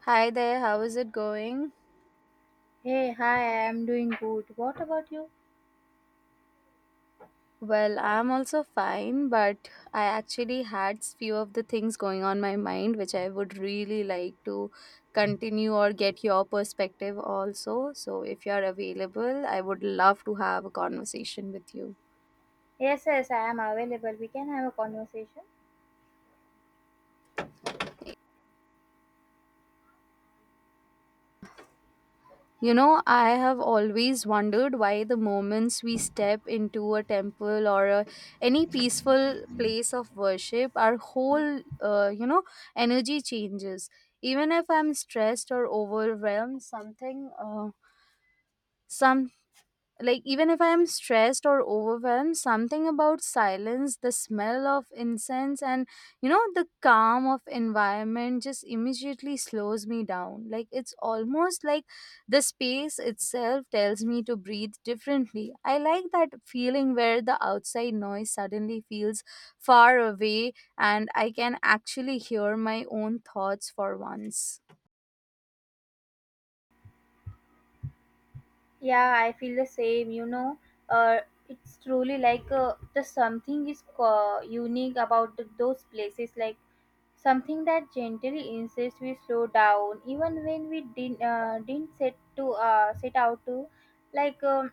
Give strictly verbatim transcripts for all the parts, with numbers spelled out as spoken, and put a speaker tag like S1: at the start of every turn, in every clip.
S1: Hi there, how is it going?
S2: Hey, hi, I am doing good. What about you?
S1: Well, I'm also fine, but I actually had s- few of the things going on my mind which I would really like to continue or get your perspective also. So if you're available, I would love to have a conversation with you.
S2: Yes, yes, I am available. We can have a conversation.
S1: You know, I have always wondered why the moments we step into a temple or a, any peaceful place of worship, our whole, uh, you know, energy changes. Even if I'm stressed or overwhelmed, something, uh, some like even if I am stressed or overwhelmed, something about silence, the smell of incense, and you know the calm of environment just immediately slows me down. Like it's almost like the space itself tells me to breathe differently. I like that feeling where the outside noise suddenly feels far away, and I can actually hear my own thoughts for once.
S2: Yeah, I feel the same, you know. Uh, it's truly like uh, the something is uh, unique about the, those places, like something that gently insists we slow down, even when we didn't uh, didn't set to uh, set out to, like um,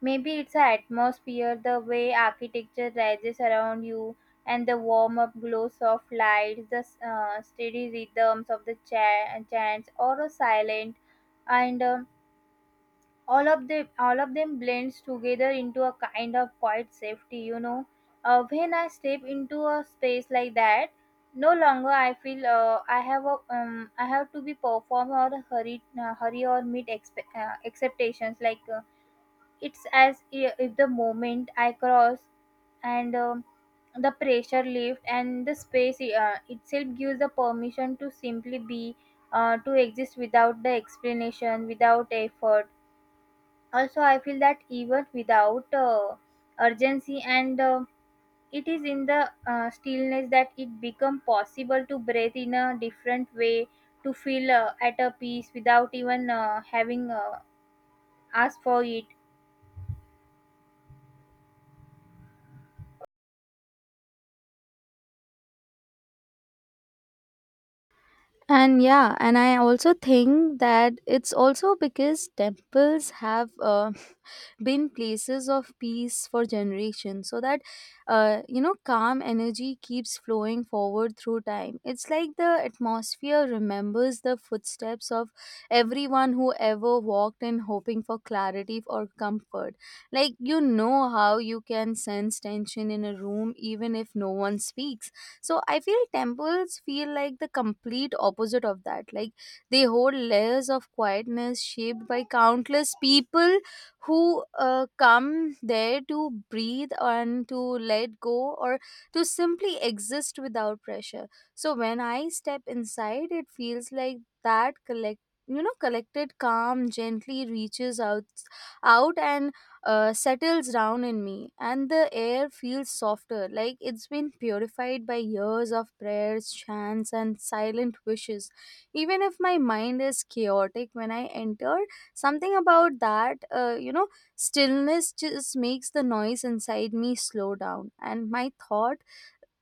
S2: maybe it's the atmosphere, the way architecture rises around you, and the warm up glows of lights, the uh, steady rhythms of the cha- chants, or a silent, and um All of them, all of them blends together into a kind of quiet safety. You know, uh, when I step into a space like that, no longer I feel uh, I have a um, I have to be perform or hurry, uh, hurry or meet expe- uh, expectations like. Uh, It's as i- if the moment I cross and um, the pressure lift and the space uh, itself gives the permission to simply be, uh, to exist without the explanation, without effort. Also, I feel that even without uh, urgency and uh, it is in the uh, stillness that it become possible to breathe in a different way to feel uh, at a peace without even uh, having uh, asked for it.
S1: And yeah, and I also think that it's also because temples have uh, been places of peace for generations, so that uh, you know, calm energy keeps flowing forward through time. It's like the atmosphere remembers the footsteps of everyone who ever walked in, hoping for clarity or comfort. Like, you know, how you can sense tension in a room even if no one speaks. So I feel temples feel like the complete opposite of that. Like, they hold layers of quietness shaped by countless people who uh, come there to breathe and to let go, or to simply exist without pressure. So when I step inside, it feels like that collect you know collected calm gently reaches out out and uh, settles down in me, and the air feels softer, like it's been purified by years of prayers, chants, and silent wishes. Even if my mind is chaotic when I enter, something about that, uh, you know, stillness just makes the noise inside me slow down, and my thought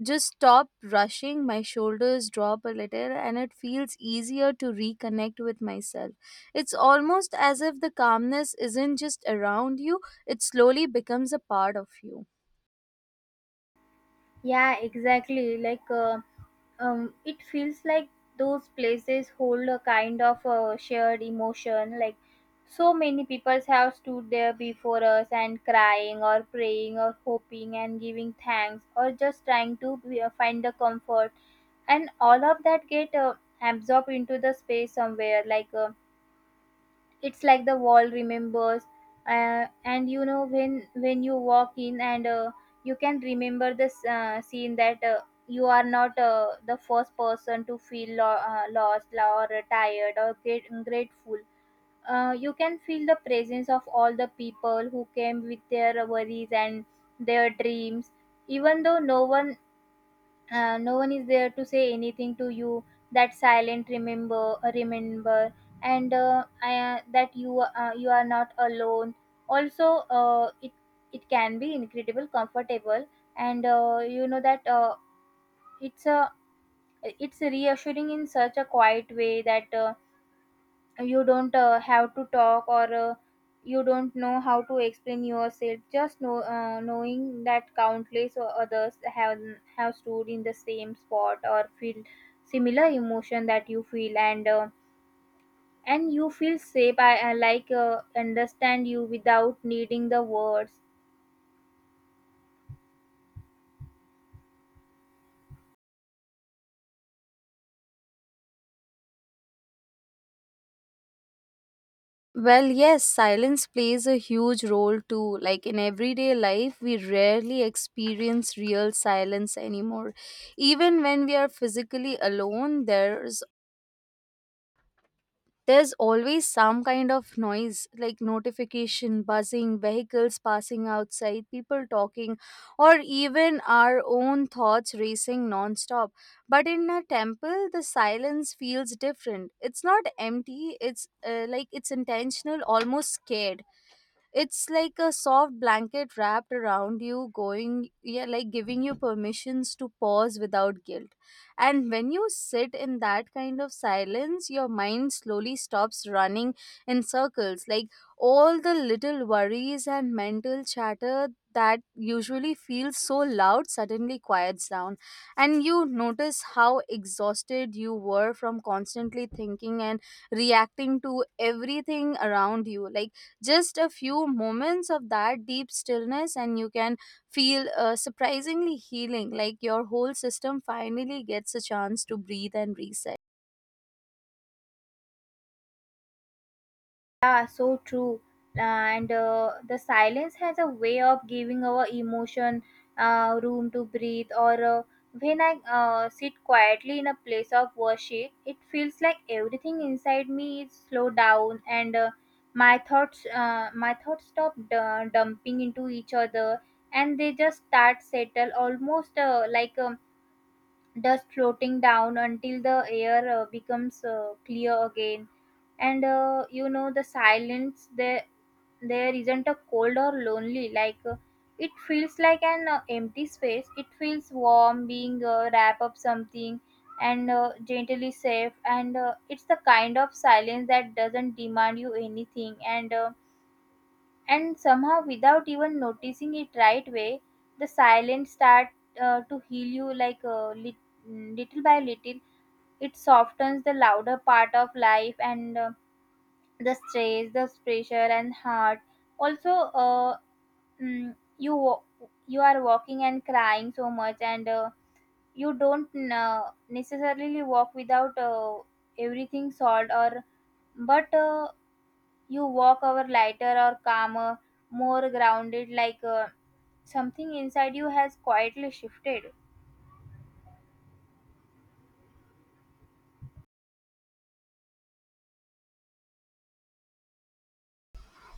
S1: just stop rushing, my shoulders drop a little, and it feels easier to reconnect with myself. It's almost as if the calmness isn't just around you, it slowly becomes a part of you.
S2: Yeah, exactly. Like, uh, um, it feels like those places hold a kind of uh, shared emotion. Like, so many people have stood there before us and crying or praying or hoping and giving thanks or just trying to be- uh, find the comfort, and all of that get uh, absorbed into the space somewhere. Like. Uh, it's like the wall remembers uh, and you know when when you walk in and uh, you can remember this uh, scene that uh, you are not uh, the first person to feel lo- uh, lost or tired or great- grateful. Uh, you can feel the presence of all the people who came with their worries and their dreams even though no one uh, no one is there to say anything to you, that silent remember uh, remember and uh, I, uh, that you uh, you are not alone. Also uh, it it can be incredible comfortable, and uh, you know that uh, it's a it's reassuring in such a quiet way that uh, you don't uh, have to talk or uh, you don't know how to explain yourself, just know uh, knowing that countless o- others have have stood in the same spot or feel similar emotion that you feel, and uh, and you feel safe i, I like uh, understand you without needing the words.
S1: Well, yes, silence plays a huge role too. Like in everyday life, we rarely experience real silence anymore. Even when we are physically alone, there's there's always some kind of noise, like notification buzzing, vehicles passing outside, people talking, or even our own thoughts racing non-stop. But in a temple the silence feels different. It's not empty. It's uh, like it's intentional, almost scared. It's like a soft blanket wrapped around you, going, yeah, like giving you permissions to pause without guilt. And when you sit in that kind of silence, your mind slowly stops running in circles. Like all the little worries and mental chatter that usually feels so loud suddenly quiets down, and you notice how exhausted you were from constantly thinking and reacting to everything around you. Like just a few moments of that deep stillness, and you can feel uh, surprisingly healing, like your whole system finally gets a chance to breathe and reset.
S2: Yeah, so true. And uh, the silence has a way of giving our emotion uh, room to breathe. Or uh, when I uh, sit quietly in a place of worship, it feels like everything inside me is slowed down, and uh, my thoughts, uh, my thoughts stop d- dumping into each other, and they just start settle, almost uh, like um, dust floating down until the air uh, becomes uh, clear again. And uh, you know the silence there there isn't a cold or lonely like uh, it feels like an uh, empty space, it feels warm being uh, wrap up something and uh, gently safe, and uh, it's the kind of silence that doesn't demand you anything, and uh, and somehow without even noticing it right way, the silence start uh, to heal you like uh, lit- little by little. It softens the louder part of life and uh, the stress, the pressure and heart. Also uh, mm, you wa- you are walking and crying so much, and uh, you don't uh, necessarily walk without uh, everything solved or but uh, you walk over lighter or calmer, more grounded like uh, something inside you has quietly shifted.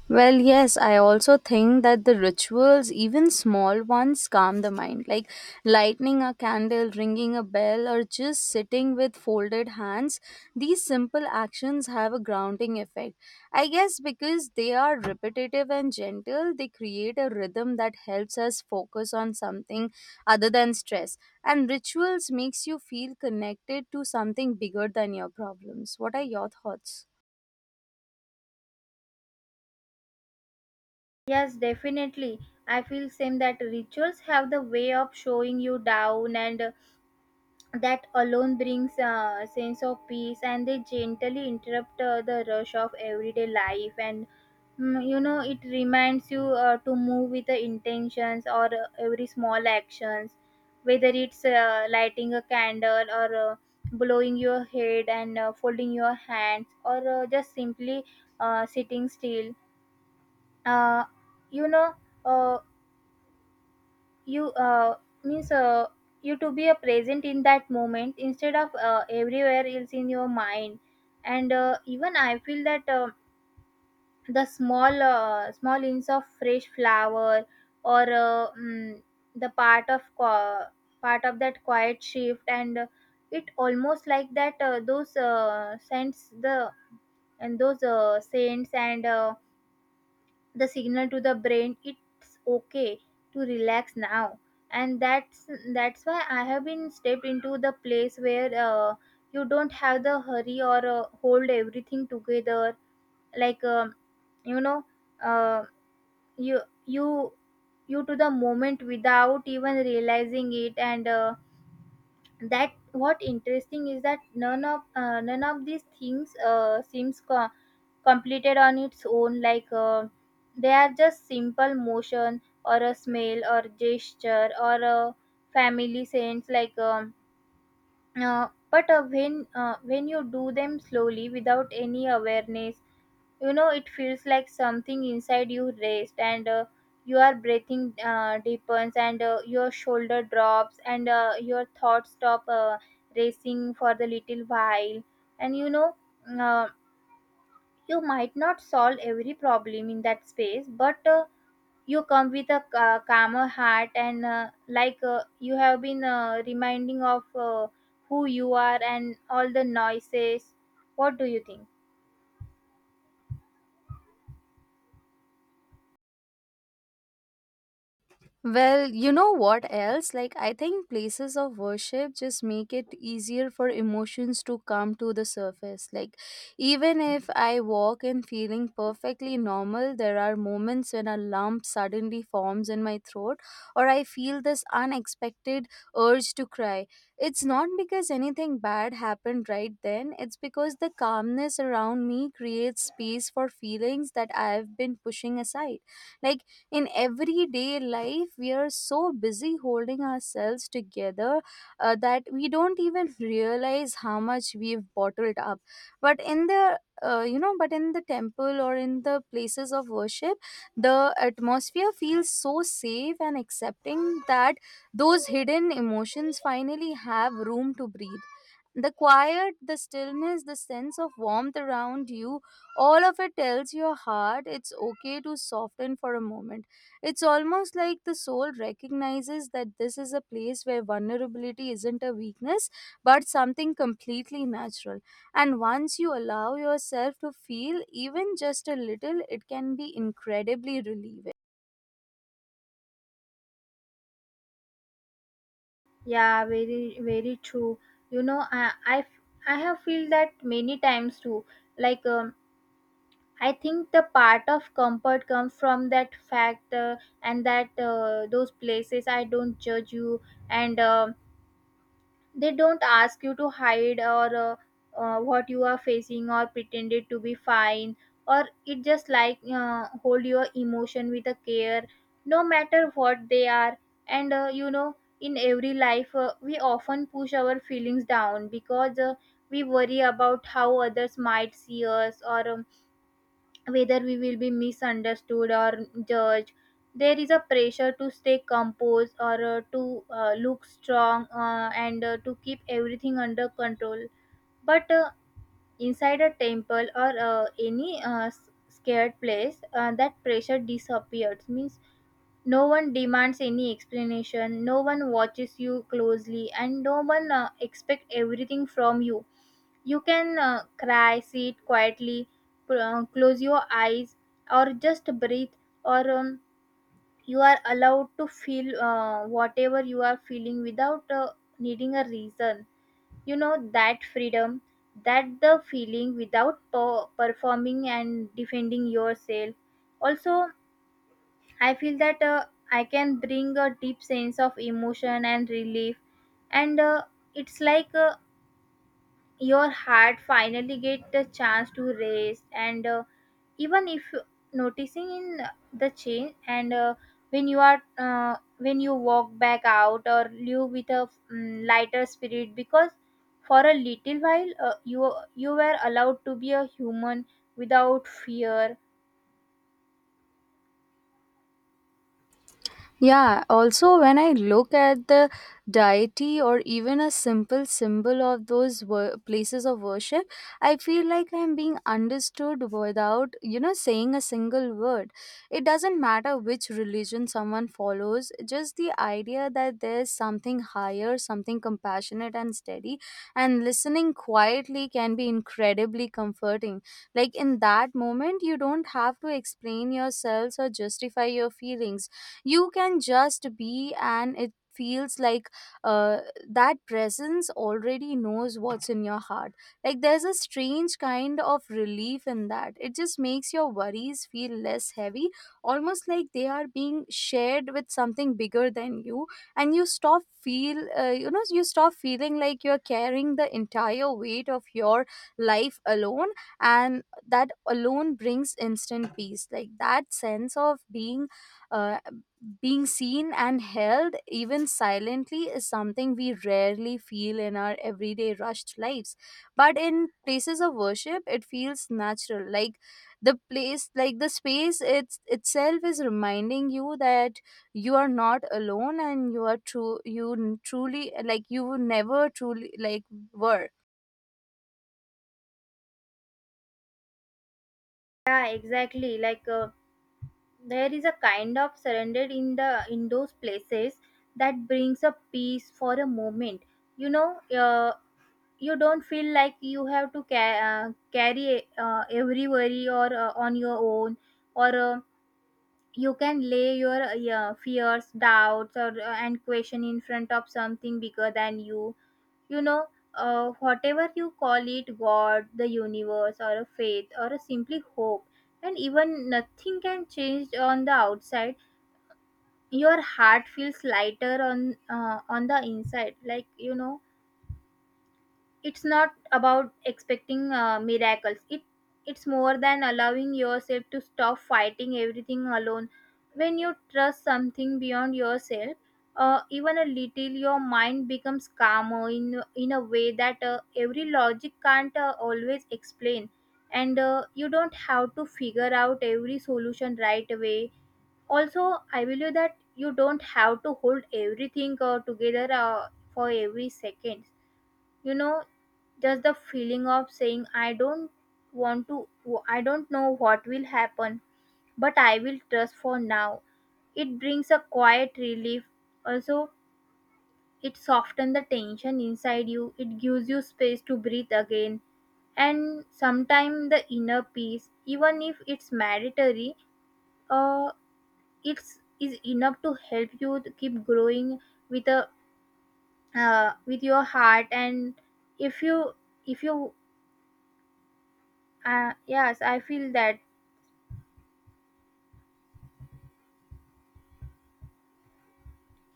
S1: Well, yes, I also think that the rituals, even small ones, calm the mind. Like lighting a candle, ringing a bell, or just sitting with folded hands, these simple actions have a grounding effect. I guess because they are repetitive and gentle, they create a rhythm that helps us focus on something other than stress. And rituals makes you feel connected to something bigger than your problems. What are your thoughts?
S2: Yes, definitely. I feel same that rituals have the way of showing you down, and that alone brings a sense of peace, and they gently interrupt uh, the rush of everyday life. And mm, you know, it reminds you uh, to move with the intentions or uh, every small actions, whether it's uh, lighting a candle or uh, blowing your head and uh, folding your hands or uh, just simply uh, sitting still. uh, you know uh, you uh, means uh, you to be a present in that moment instead of uh, everywhere else in your mind. And uh, even I feel that uh, the small uh, small hints of fresh flower or uh, mm, the part of qua part of that quiet shift. And uh, it almost like that uh, those uh, scents the and those uh, saints and uh, the signal to the brain it's okay to relax now. And that's that's why I have been stepped into the place where uh, you don't have the hurry or uh, hold everything together. like um, you know uh, you you you to the moment without even realizing it. And uh, that what interesting is that none of uh, none of these things uh, seems co- completed on its own like uh, they are just simple motion or a smell or gesture or a family sense. like um, uh, but uh, when uh, when you do them slowly without any awareness, you know it feels like something inside you rest, and uh, your breathing uh, deepens, and uh, your shoulder drops, and uh, your thoughts stop uh, racing for the little while. And you know uh, you might not solve every problem in that space, but uh, you come with a ca- calmer heart, and uh, like uh, you have been uh, reminding of uh, who you are and all the noises. What do you think?
S1: Well, you know what else? Like, I think places of worship just make it easier for emotions to come to the surface. Like, even if I walk in feeling perfectly normal, there are moments when a lump suddenly forms in my throat, or I feel this unexpected urge to cry. It's not because anything bad happened right then, it's because the calmness around me creates space for feelings that I've been pushing aside. Like, in everyday life we are so busy holding ourselves together uh, that we don't even realize how much we've bottled up. But in the uh, you know but in the temple, or in the places of worship, the atmosphere feels so safe and accepting that those hidden emotions finally have room to breathe. The quiet, the stillness, the sense of warmth around you, all of it tells your heart it's okay to soften for a moment. It's almost like the soul recognizes that this is a place where vulnerability isn't a weakness but something completely natural. And once you allow yourself to feel even just a little, it can be incredibly relieving.
S2: Yeah, very very true. You know, I I, I have feel that many times too. Like um, I think the part of comfort comes from that fact uh, and that uh, those places I don't judge you. And. um they don't ask you to hide or uh, uh, what you are facing or pretend it to be fine, or it just like uh, hold your emotion with a care, no matter what they are. And uh, you know, in every life uh, we often push our feelings down because uh, we worry about how others might see us or um, whether we will be misunderstood or judged. There is a pressure to stay composed or uh, to uh, look strong uh, and uh, to keep everything under control. But uh, inside a temple or uh, any uh, s- scared place uh, that pressure disappears means no one demands any explanation, no one watches you closely, and no one uh, expect everything from you. You can uh, cry, sit quietly, pr- uh, close your eyes, or just breathe, or um, you are allowed to feel uh, whatever you are feeling without uh, needing a reason. You know, that freedom, that the feeling without per- performing and defending yourself. Also, I feel that uh, I can bring a deep sense of emotion and relief, and uh, it's like uh, your heart finally get the chance to rest. And uh, even if you- noticing in the change. And uh, when you are uh, when you walk back out or live with a mm, lighter spirit because for a little while uh, you you were allowed to be a human without fear.
S1: Yeah, also when I look at the deity or even a simple symbol of those wor- places of worship, I feel like I'm being understood without, you know, saying a single word. It doesn't matter which religion someone follows, just the idea that there's something higher, something compassionate and steady, and listening quietly can be incredibly comforting. Like in that moment, you don't have to explain yourselves or justify your feelings. You can just be, and it feels like uh, that presence already knows what's in your heart. Like there's a strange kind of relief in that. It just makes your worries feel less heavy, almost like they are being shared with something bigger than you, and you stop feel uh, you know you stop feeling like you're carrying the entire weight of your life alone. And that alone brings instant peace, like that sense of being uh, being seen and held, even silently, is something we rarely feel in our everyday rushed lives. But in places of worship, it feels natural. Like the place, like the space it's, itself is reminding you that you are not alone, and you are true, you n- truly, like you never truly, like were.
S2: Yeah, exactly. Like uh, there is a kind of surrender in the in those places that brings a peace for a moment. You know uh, you don't feel like you have to ca- uh, carry uh, every worry or uh, on your own, or uh, you can lay your uh, yeah, fears, doubts or uh, and question in front of something bigger than you. You know uh, whatever you call it, god, the universe or a faith or a simply hope, and even nothing can change on the outside, your heart feels lighter on uh, on the inside like you know. It's not about expecting uh, miracles, it it's more than allowing yourself to stop fighting everything alone. When you trust something beyond yourself, uh, even a little, your mind becomes calmer in in a way that uh, every logic can't uh, always explain. And uh, you don't have to figure out every solution right away. Also, I believe that you don't have to hold everything uh, together uh, for every second. You know, just the feeling of saying, I don't want to, I don't know what will happen, but I will trust for now, it brings a quiet relief. Also, it softens the tension inside you, it gives you space to breathe again. And sometimes the inner peace, even if it's mandatory, uh, it's is enough to help you to keep growing with a uh, with your heart. And if you if you Uh, yes, I feel that.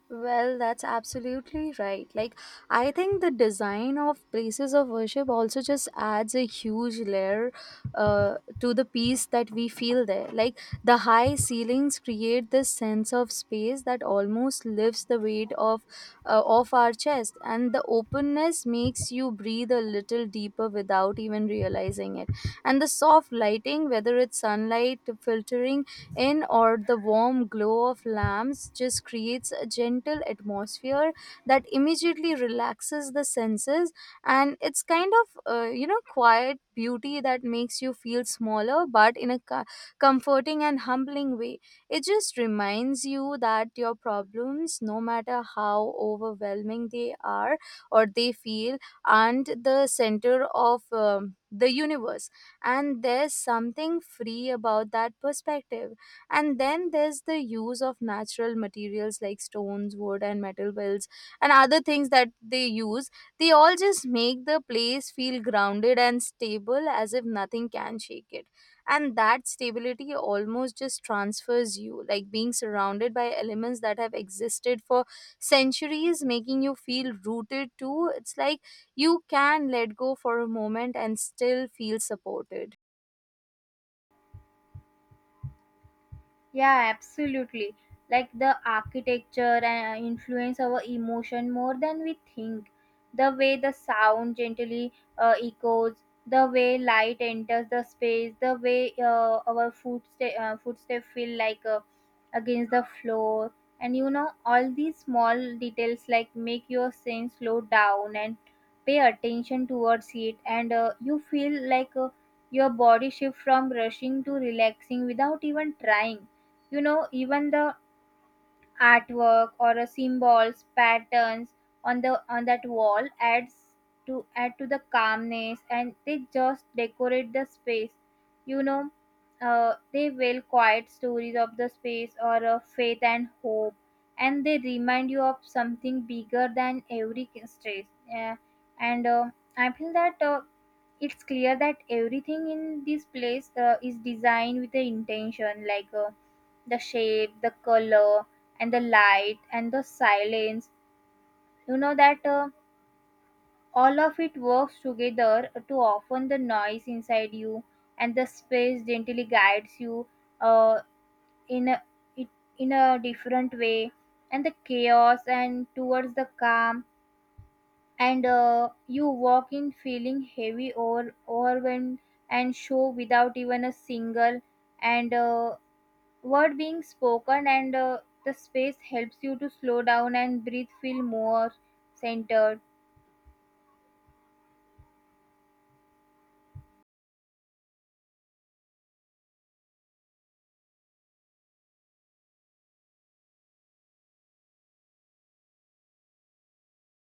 S1: Well, that's absolutely right. Like, I think the design of places of worship also just adds a huge layer uh, to the peace that we feel there. Like, the high ceilings create this sense of space that almost lifts the weight of uh, off our chest, and the openness makes you breathe a little deeper without even realizing it. And the soft lighting, whether it's sunlight filtering in or the warm glow of lamps, just creates a gentle atmosphere that immediately relaxes the senses. And it's kind of uh, you know quiet beauty that makes you feel smaller but in a co- comforting and humbling way. It just reminds you that your problems, no matter how overwhelming they are or they feel, aren't the center of um, the universe, and there's something free about that perspective. And then there's the use of natural materials like stones, wood, and metal builds, and other things that they use, they all just make the place feel grounded and stable, as if nothing can shake it. And that stability almost just transfers you. Like being surrounded by elements that have existed for centuries, making you feel rooted too. It's like you can let go for a moment and still feel supported.
S2: Yeah, absolutely. Like the architecture uh, influence our emotion more than we think. The way the sound gently uh, echoes, the way light enters the space, the way uh, our footstep uh, footstep feel like uh, against the floor. And you know, all these small details like make your sense slow down and pay attention towards it. And uh, you feel like uh, your body shift from rushing to relaxing without even trying. You know, even the artwork or a symbols patterns on the on that wall adds to add to the calmness, and they just decorate the space, you know. Uh, they will quiet stories of the space or of faith and hope, and they remind you of something bigger than every stress. Yeah. And uh, I feel that uh, it's clear that everything in this place uh, is designed with an intention, like uh, the shape, the color, and the light and the silence. You know that uh, all of it works together to often the noise inside you, and the space gently guides you, uh, in a it, in a different way, and the chaos and towards the calm. And uh, you walk in feeling heavy or overwhelmed and show without even a single, and uh, word being spoken. And uh, the space helps you to slow down and breathe, feel more centered.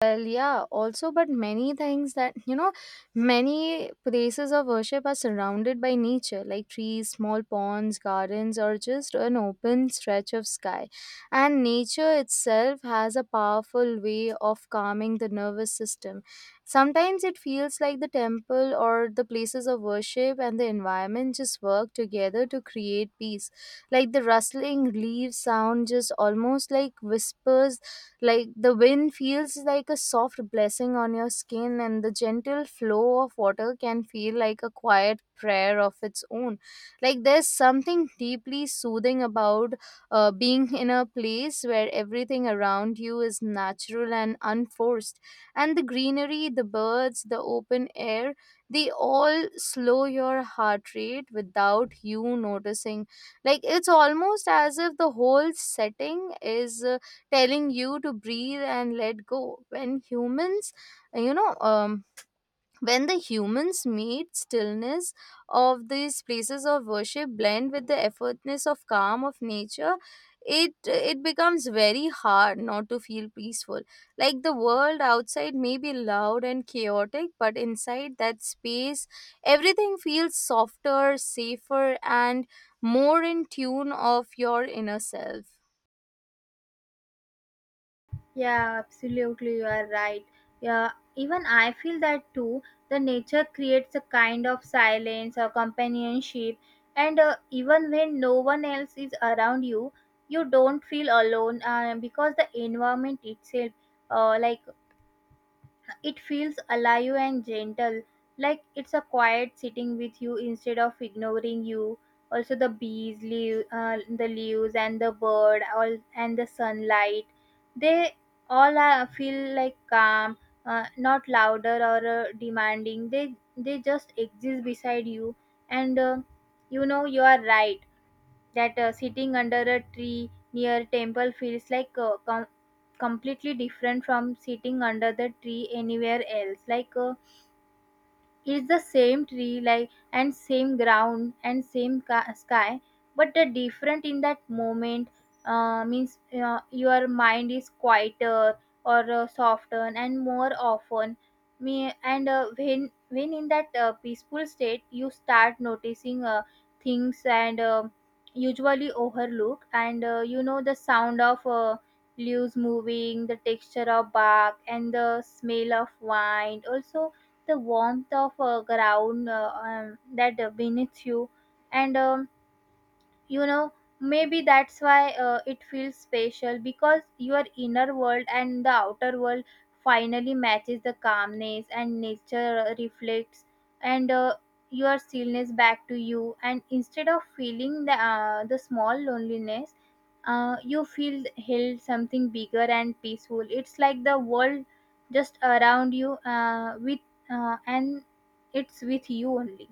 S1: Well, yeah, also, but many things that, you know, many places of worship are surrounded by nature, like trees, small ponds, gardens, or just an open stretch of sky. And nature itself has a powerful way of calming the nervous system. Sometimes it feels like the temple or the places of worship and the environment just work together to create peace. Like the rustling leaves sound just almost like whispers, like the wind feels like a soft blessing on your skin, and the gentle flow of water can feel like a quiet prayer of its own. Like there's something deeply soothing about uh, being in a place where everything around you is natural and unforced. And the greenery, the birds, the open air, they all slow your heart rate without you noticing. Like it's almost as if the whole setting is Uh, telling you to breathe and let go. when humans you know um when the humans meet stillness of these places of worship, blend with the effortlessness of calm of nature, it it becomes very hard not to feel peaceful. Like the world outside may be loud and chaotic, but inside that space, everything feels softer, safer, and more in tune of your inner self.
S2: Yeah, absolutely, you are right. Yeah, even I feel that too. The nature creates a kind of silence or companionship, and uh, even when no one else is around you, you don't feel alone uh, because the environment itself, uh, like it feels alive and gentle, like it's a quiet sitting with you instead of ignoring you. Also, the bees, leave, uh, the leaves, and the bird, all and the sunlight, they all uh, feel like calm, uh, not louder or uh, demanding. They they just exist beside you. And uh, you know, you are right that uh, sitting under a tree near temple feels like uh, comfort, completely different from sitting under the tree anywhere else. Like uh, it's the same tree, like, and same ground and same ca- sky, but the different in that moment uh, means uh, your mind is quieter or uh, softer and more often. Me. And uh, when when in that uh, peaceful state, you start noticing uh, things and uh, usually overlook. And uh, you know, the sound of, Uh, leaves moving, the texture of bark, and the smell of wine. Also, the warmth of uh, ground uh, um, that uh, beneath you. And um, you know, maybe that's why uh, it feels special, because your inner world and the outer world finally matches the calmness, and nature uh, reflects, and uh, your stillness back to you. And instead of feeling the, uh, the small loneliness, uh, you feel held, something bigger and peaceful. It's like the world just around you uh, with uh, and it's with you only.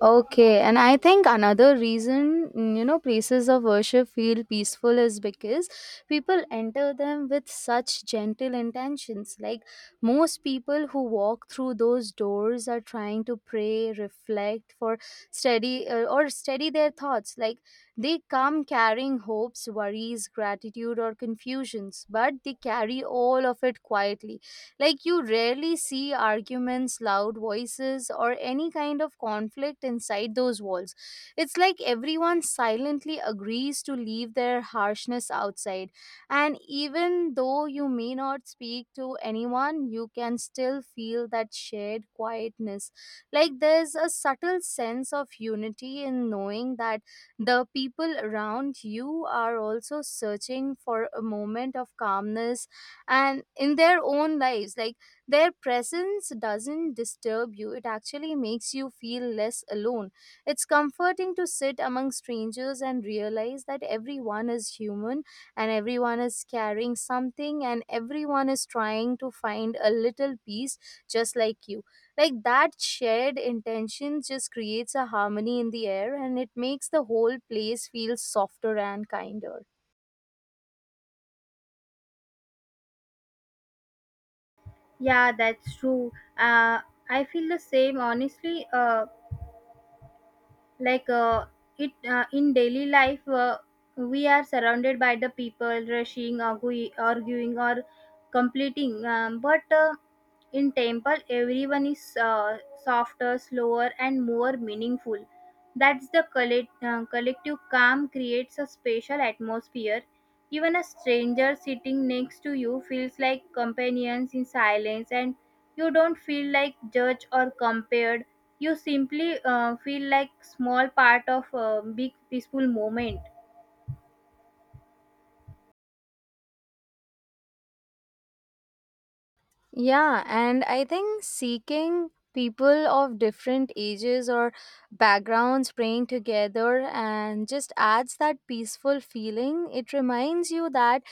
S1: Okay, and I think another reason, mm, you know, places of worship feel peaceful is because people enter them with such gentle intentions. Like most people who walk through those doors are trying to pray, reflect, for steady uh, or steady their thoughts. Like they come carrying hopes, worries, gratitude, or confusions, but they carry all of it quietly. Like, you rarely see arguments, loud voices, or any kind of conflict inside those walls. It's like everyone silently agrees to leave their harshness outside. And even though you may not speak to anyone, you can still feel that shared quietness. Like there's a subtle sense of unity in knowing that the people around you are also searching for a moment of calmness and in their own lives. Like their presence doesn't disturb you, it actually makes you feel less alone. It's comforting to sit among strangers and realize that everyone is human, and everyone is carrying something, and everyone is trying to find a little peace, just like you. Like that shared intention just creates a harmony in the air, and it makes the whole place feel softer and kinder.
S2: Yeah, that's true. Uh, I feel the same. Honestly, uh, like uh, it uh, in daily life, uh, we are surrounded by the people rushing, argue, arguing, or completing. Um, but uh, in temple, everyone is uh, softer, slower, and more meaningful. That's the collect, uh, collective calm creates a special atmosphere. Even a stranger sitting next to you feels like companions in silence, and you don't feel like judged or compared. You simply uh, feel like small part of a big peaceful moment.
S1: Yeah, and I think seeking people of different ages or backgrounds praying together and just adds that peaceful feeling. It reminds you that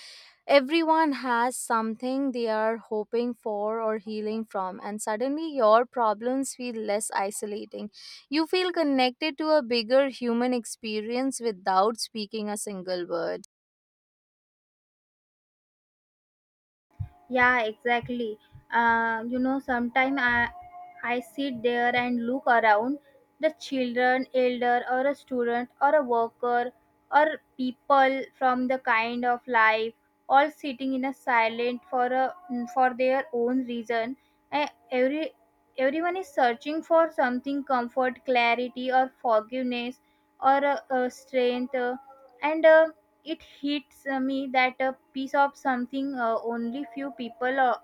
S1: everyone has something they are hoping for or healing from, and suddenly your problems feel less isolating. You feel connected to a bigger human experience without speaking a single word.
S2: Yeah, exactly. Uh, you know, sometimes I, I sit there and look around the children, elder, or a student, or a worker, or people from the kind of life, all sitting in a silent for a, for their own reason. And every everyone is searching for something, comfort, clarity, or forgiveness, or uh, uh, strength, uh, and. Uh, it hits uh, me that a piece of something, uh, only few people uh,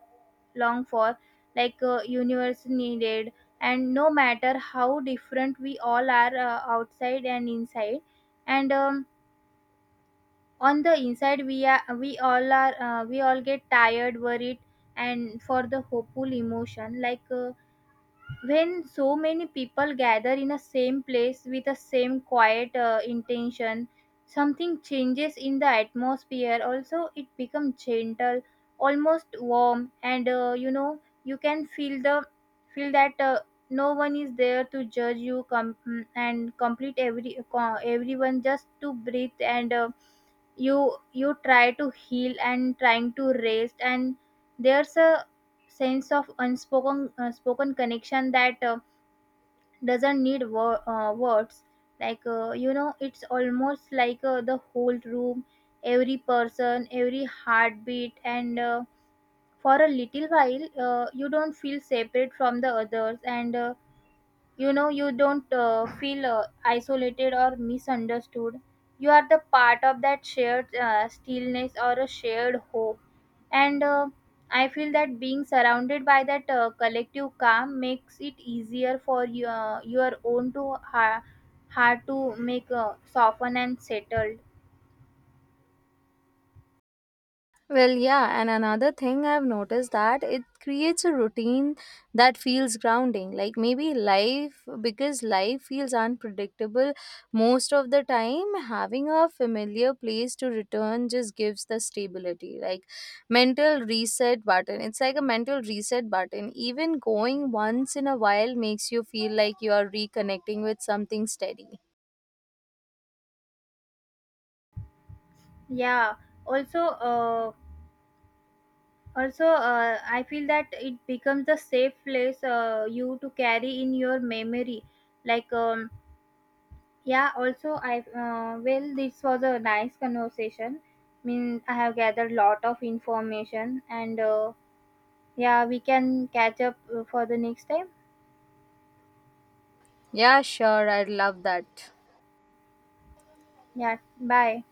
S2: long for, like uh, universe needed. And no matter how different we all are uh, outside and inside, and um, on the inside we are we all are uh, we all get tired, worried, and for the hopeful emotion. Like, Uh, when so many people gather in a same place with the same quiet uh, intention, something changes in the atmosphere. Also, it becomes gentle, almost warm. And uh, you know, you can feel the feel that uh, no one is there to judge you, com- mm, and complete every co- everyone just to breathe. And uh, you you try to heal and trying to rest. And there's a sense of unspoken uh, spoken connection that uh, doesn't need wor- uh, words. Like uh, you know, it's almost like uh, the whole room, every person, every heartbeat. And uh, for a little while, uh, you don't feel separate from the others. And uh, you know, you don't uh, feel uh, isolated or misunderstood. You are the part of that shared uh, stillness or a shared hope. And uh, I feel that being surrounded by that uh, collective calm makes it easier for your, your own to ha- heart to make uh, soften and settled.
S1: Well, yeah, and another thing I've noticed that it creates a routine that feels grounding. Like maybe life, because life feels unpredictable most of the time, having a familiar place to return just gives the stability. Like mental reset button. It's like a mental reset button. Even going once in a while makes you feel like you are reconnecting with something steady.
S2: Yeah, also uh, also uh, I feel that it becomes a safe place uh, you to carry in your memory, like, um, yeah. Also, I uh, well, this was a nice conversation. I mean, I have gathered lot of information. And uh, yeah, we can catch up uh, for the next time.
S1: Yeah, sure, I'd love that.
S2: Yeah, bye.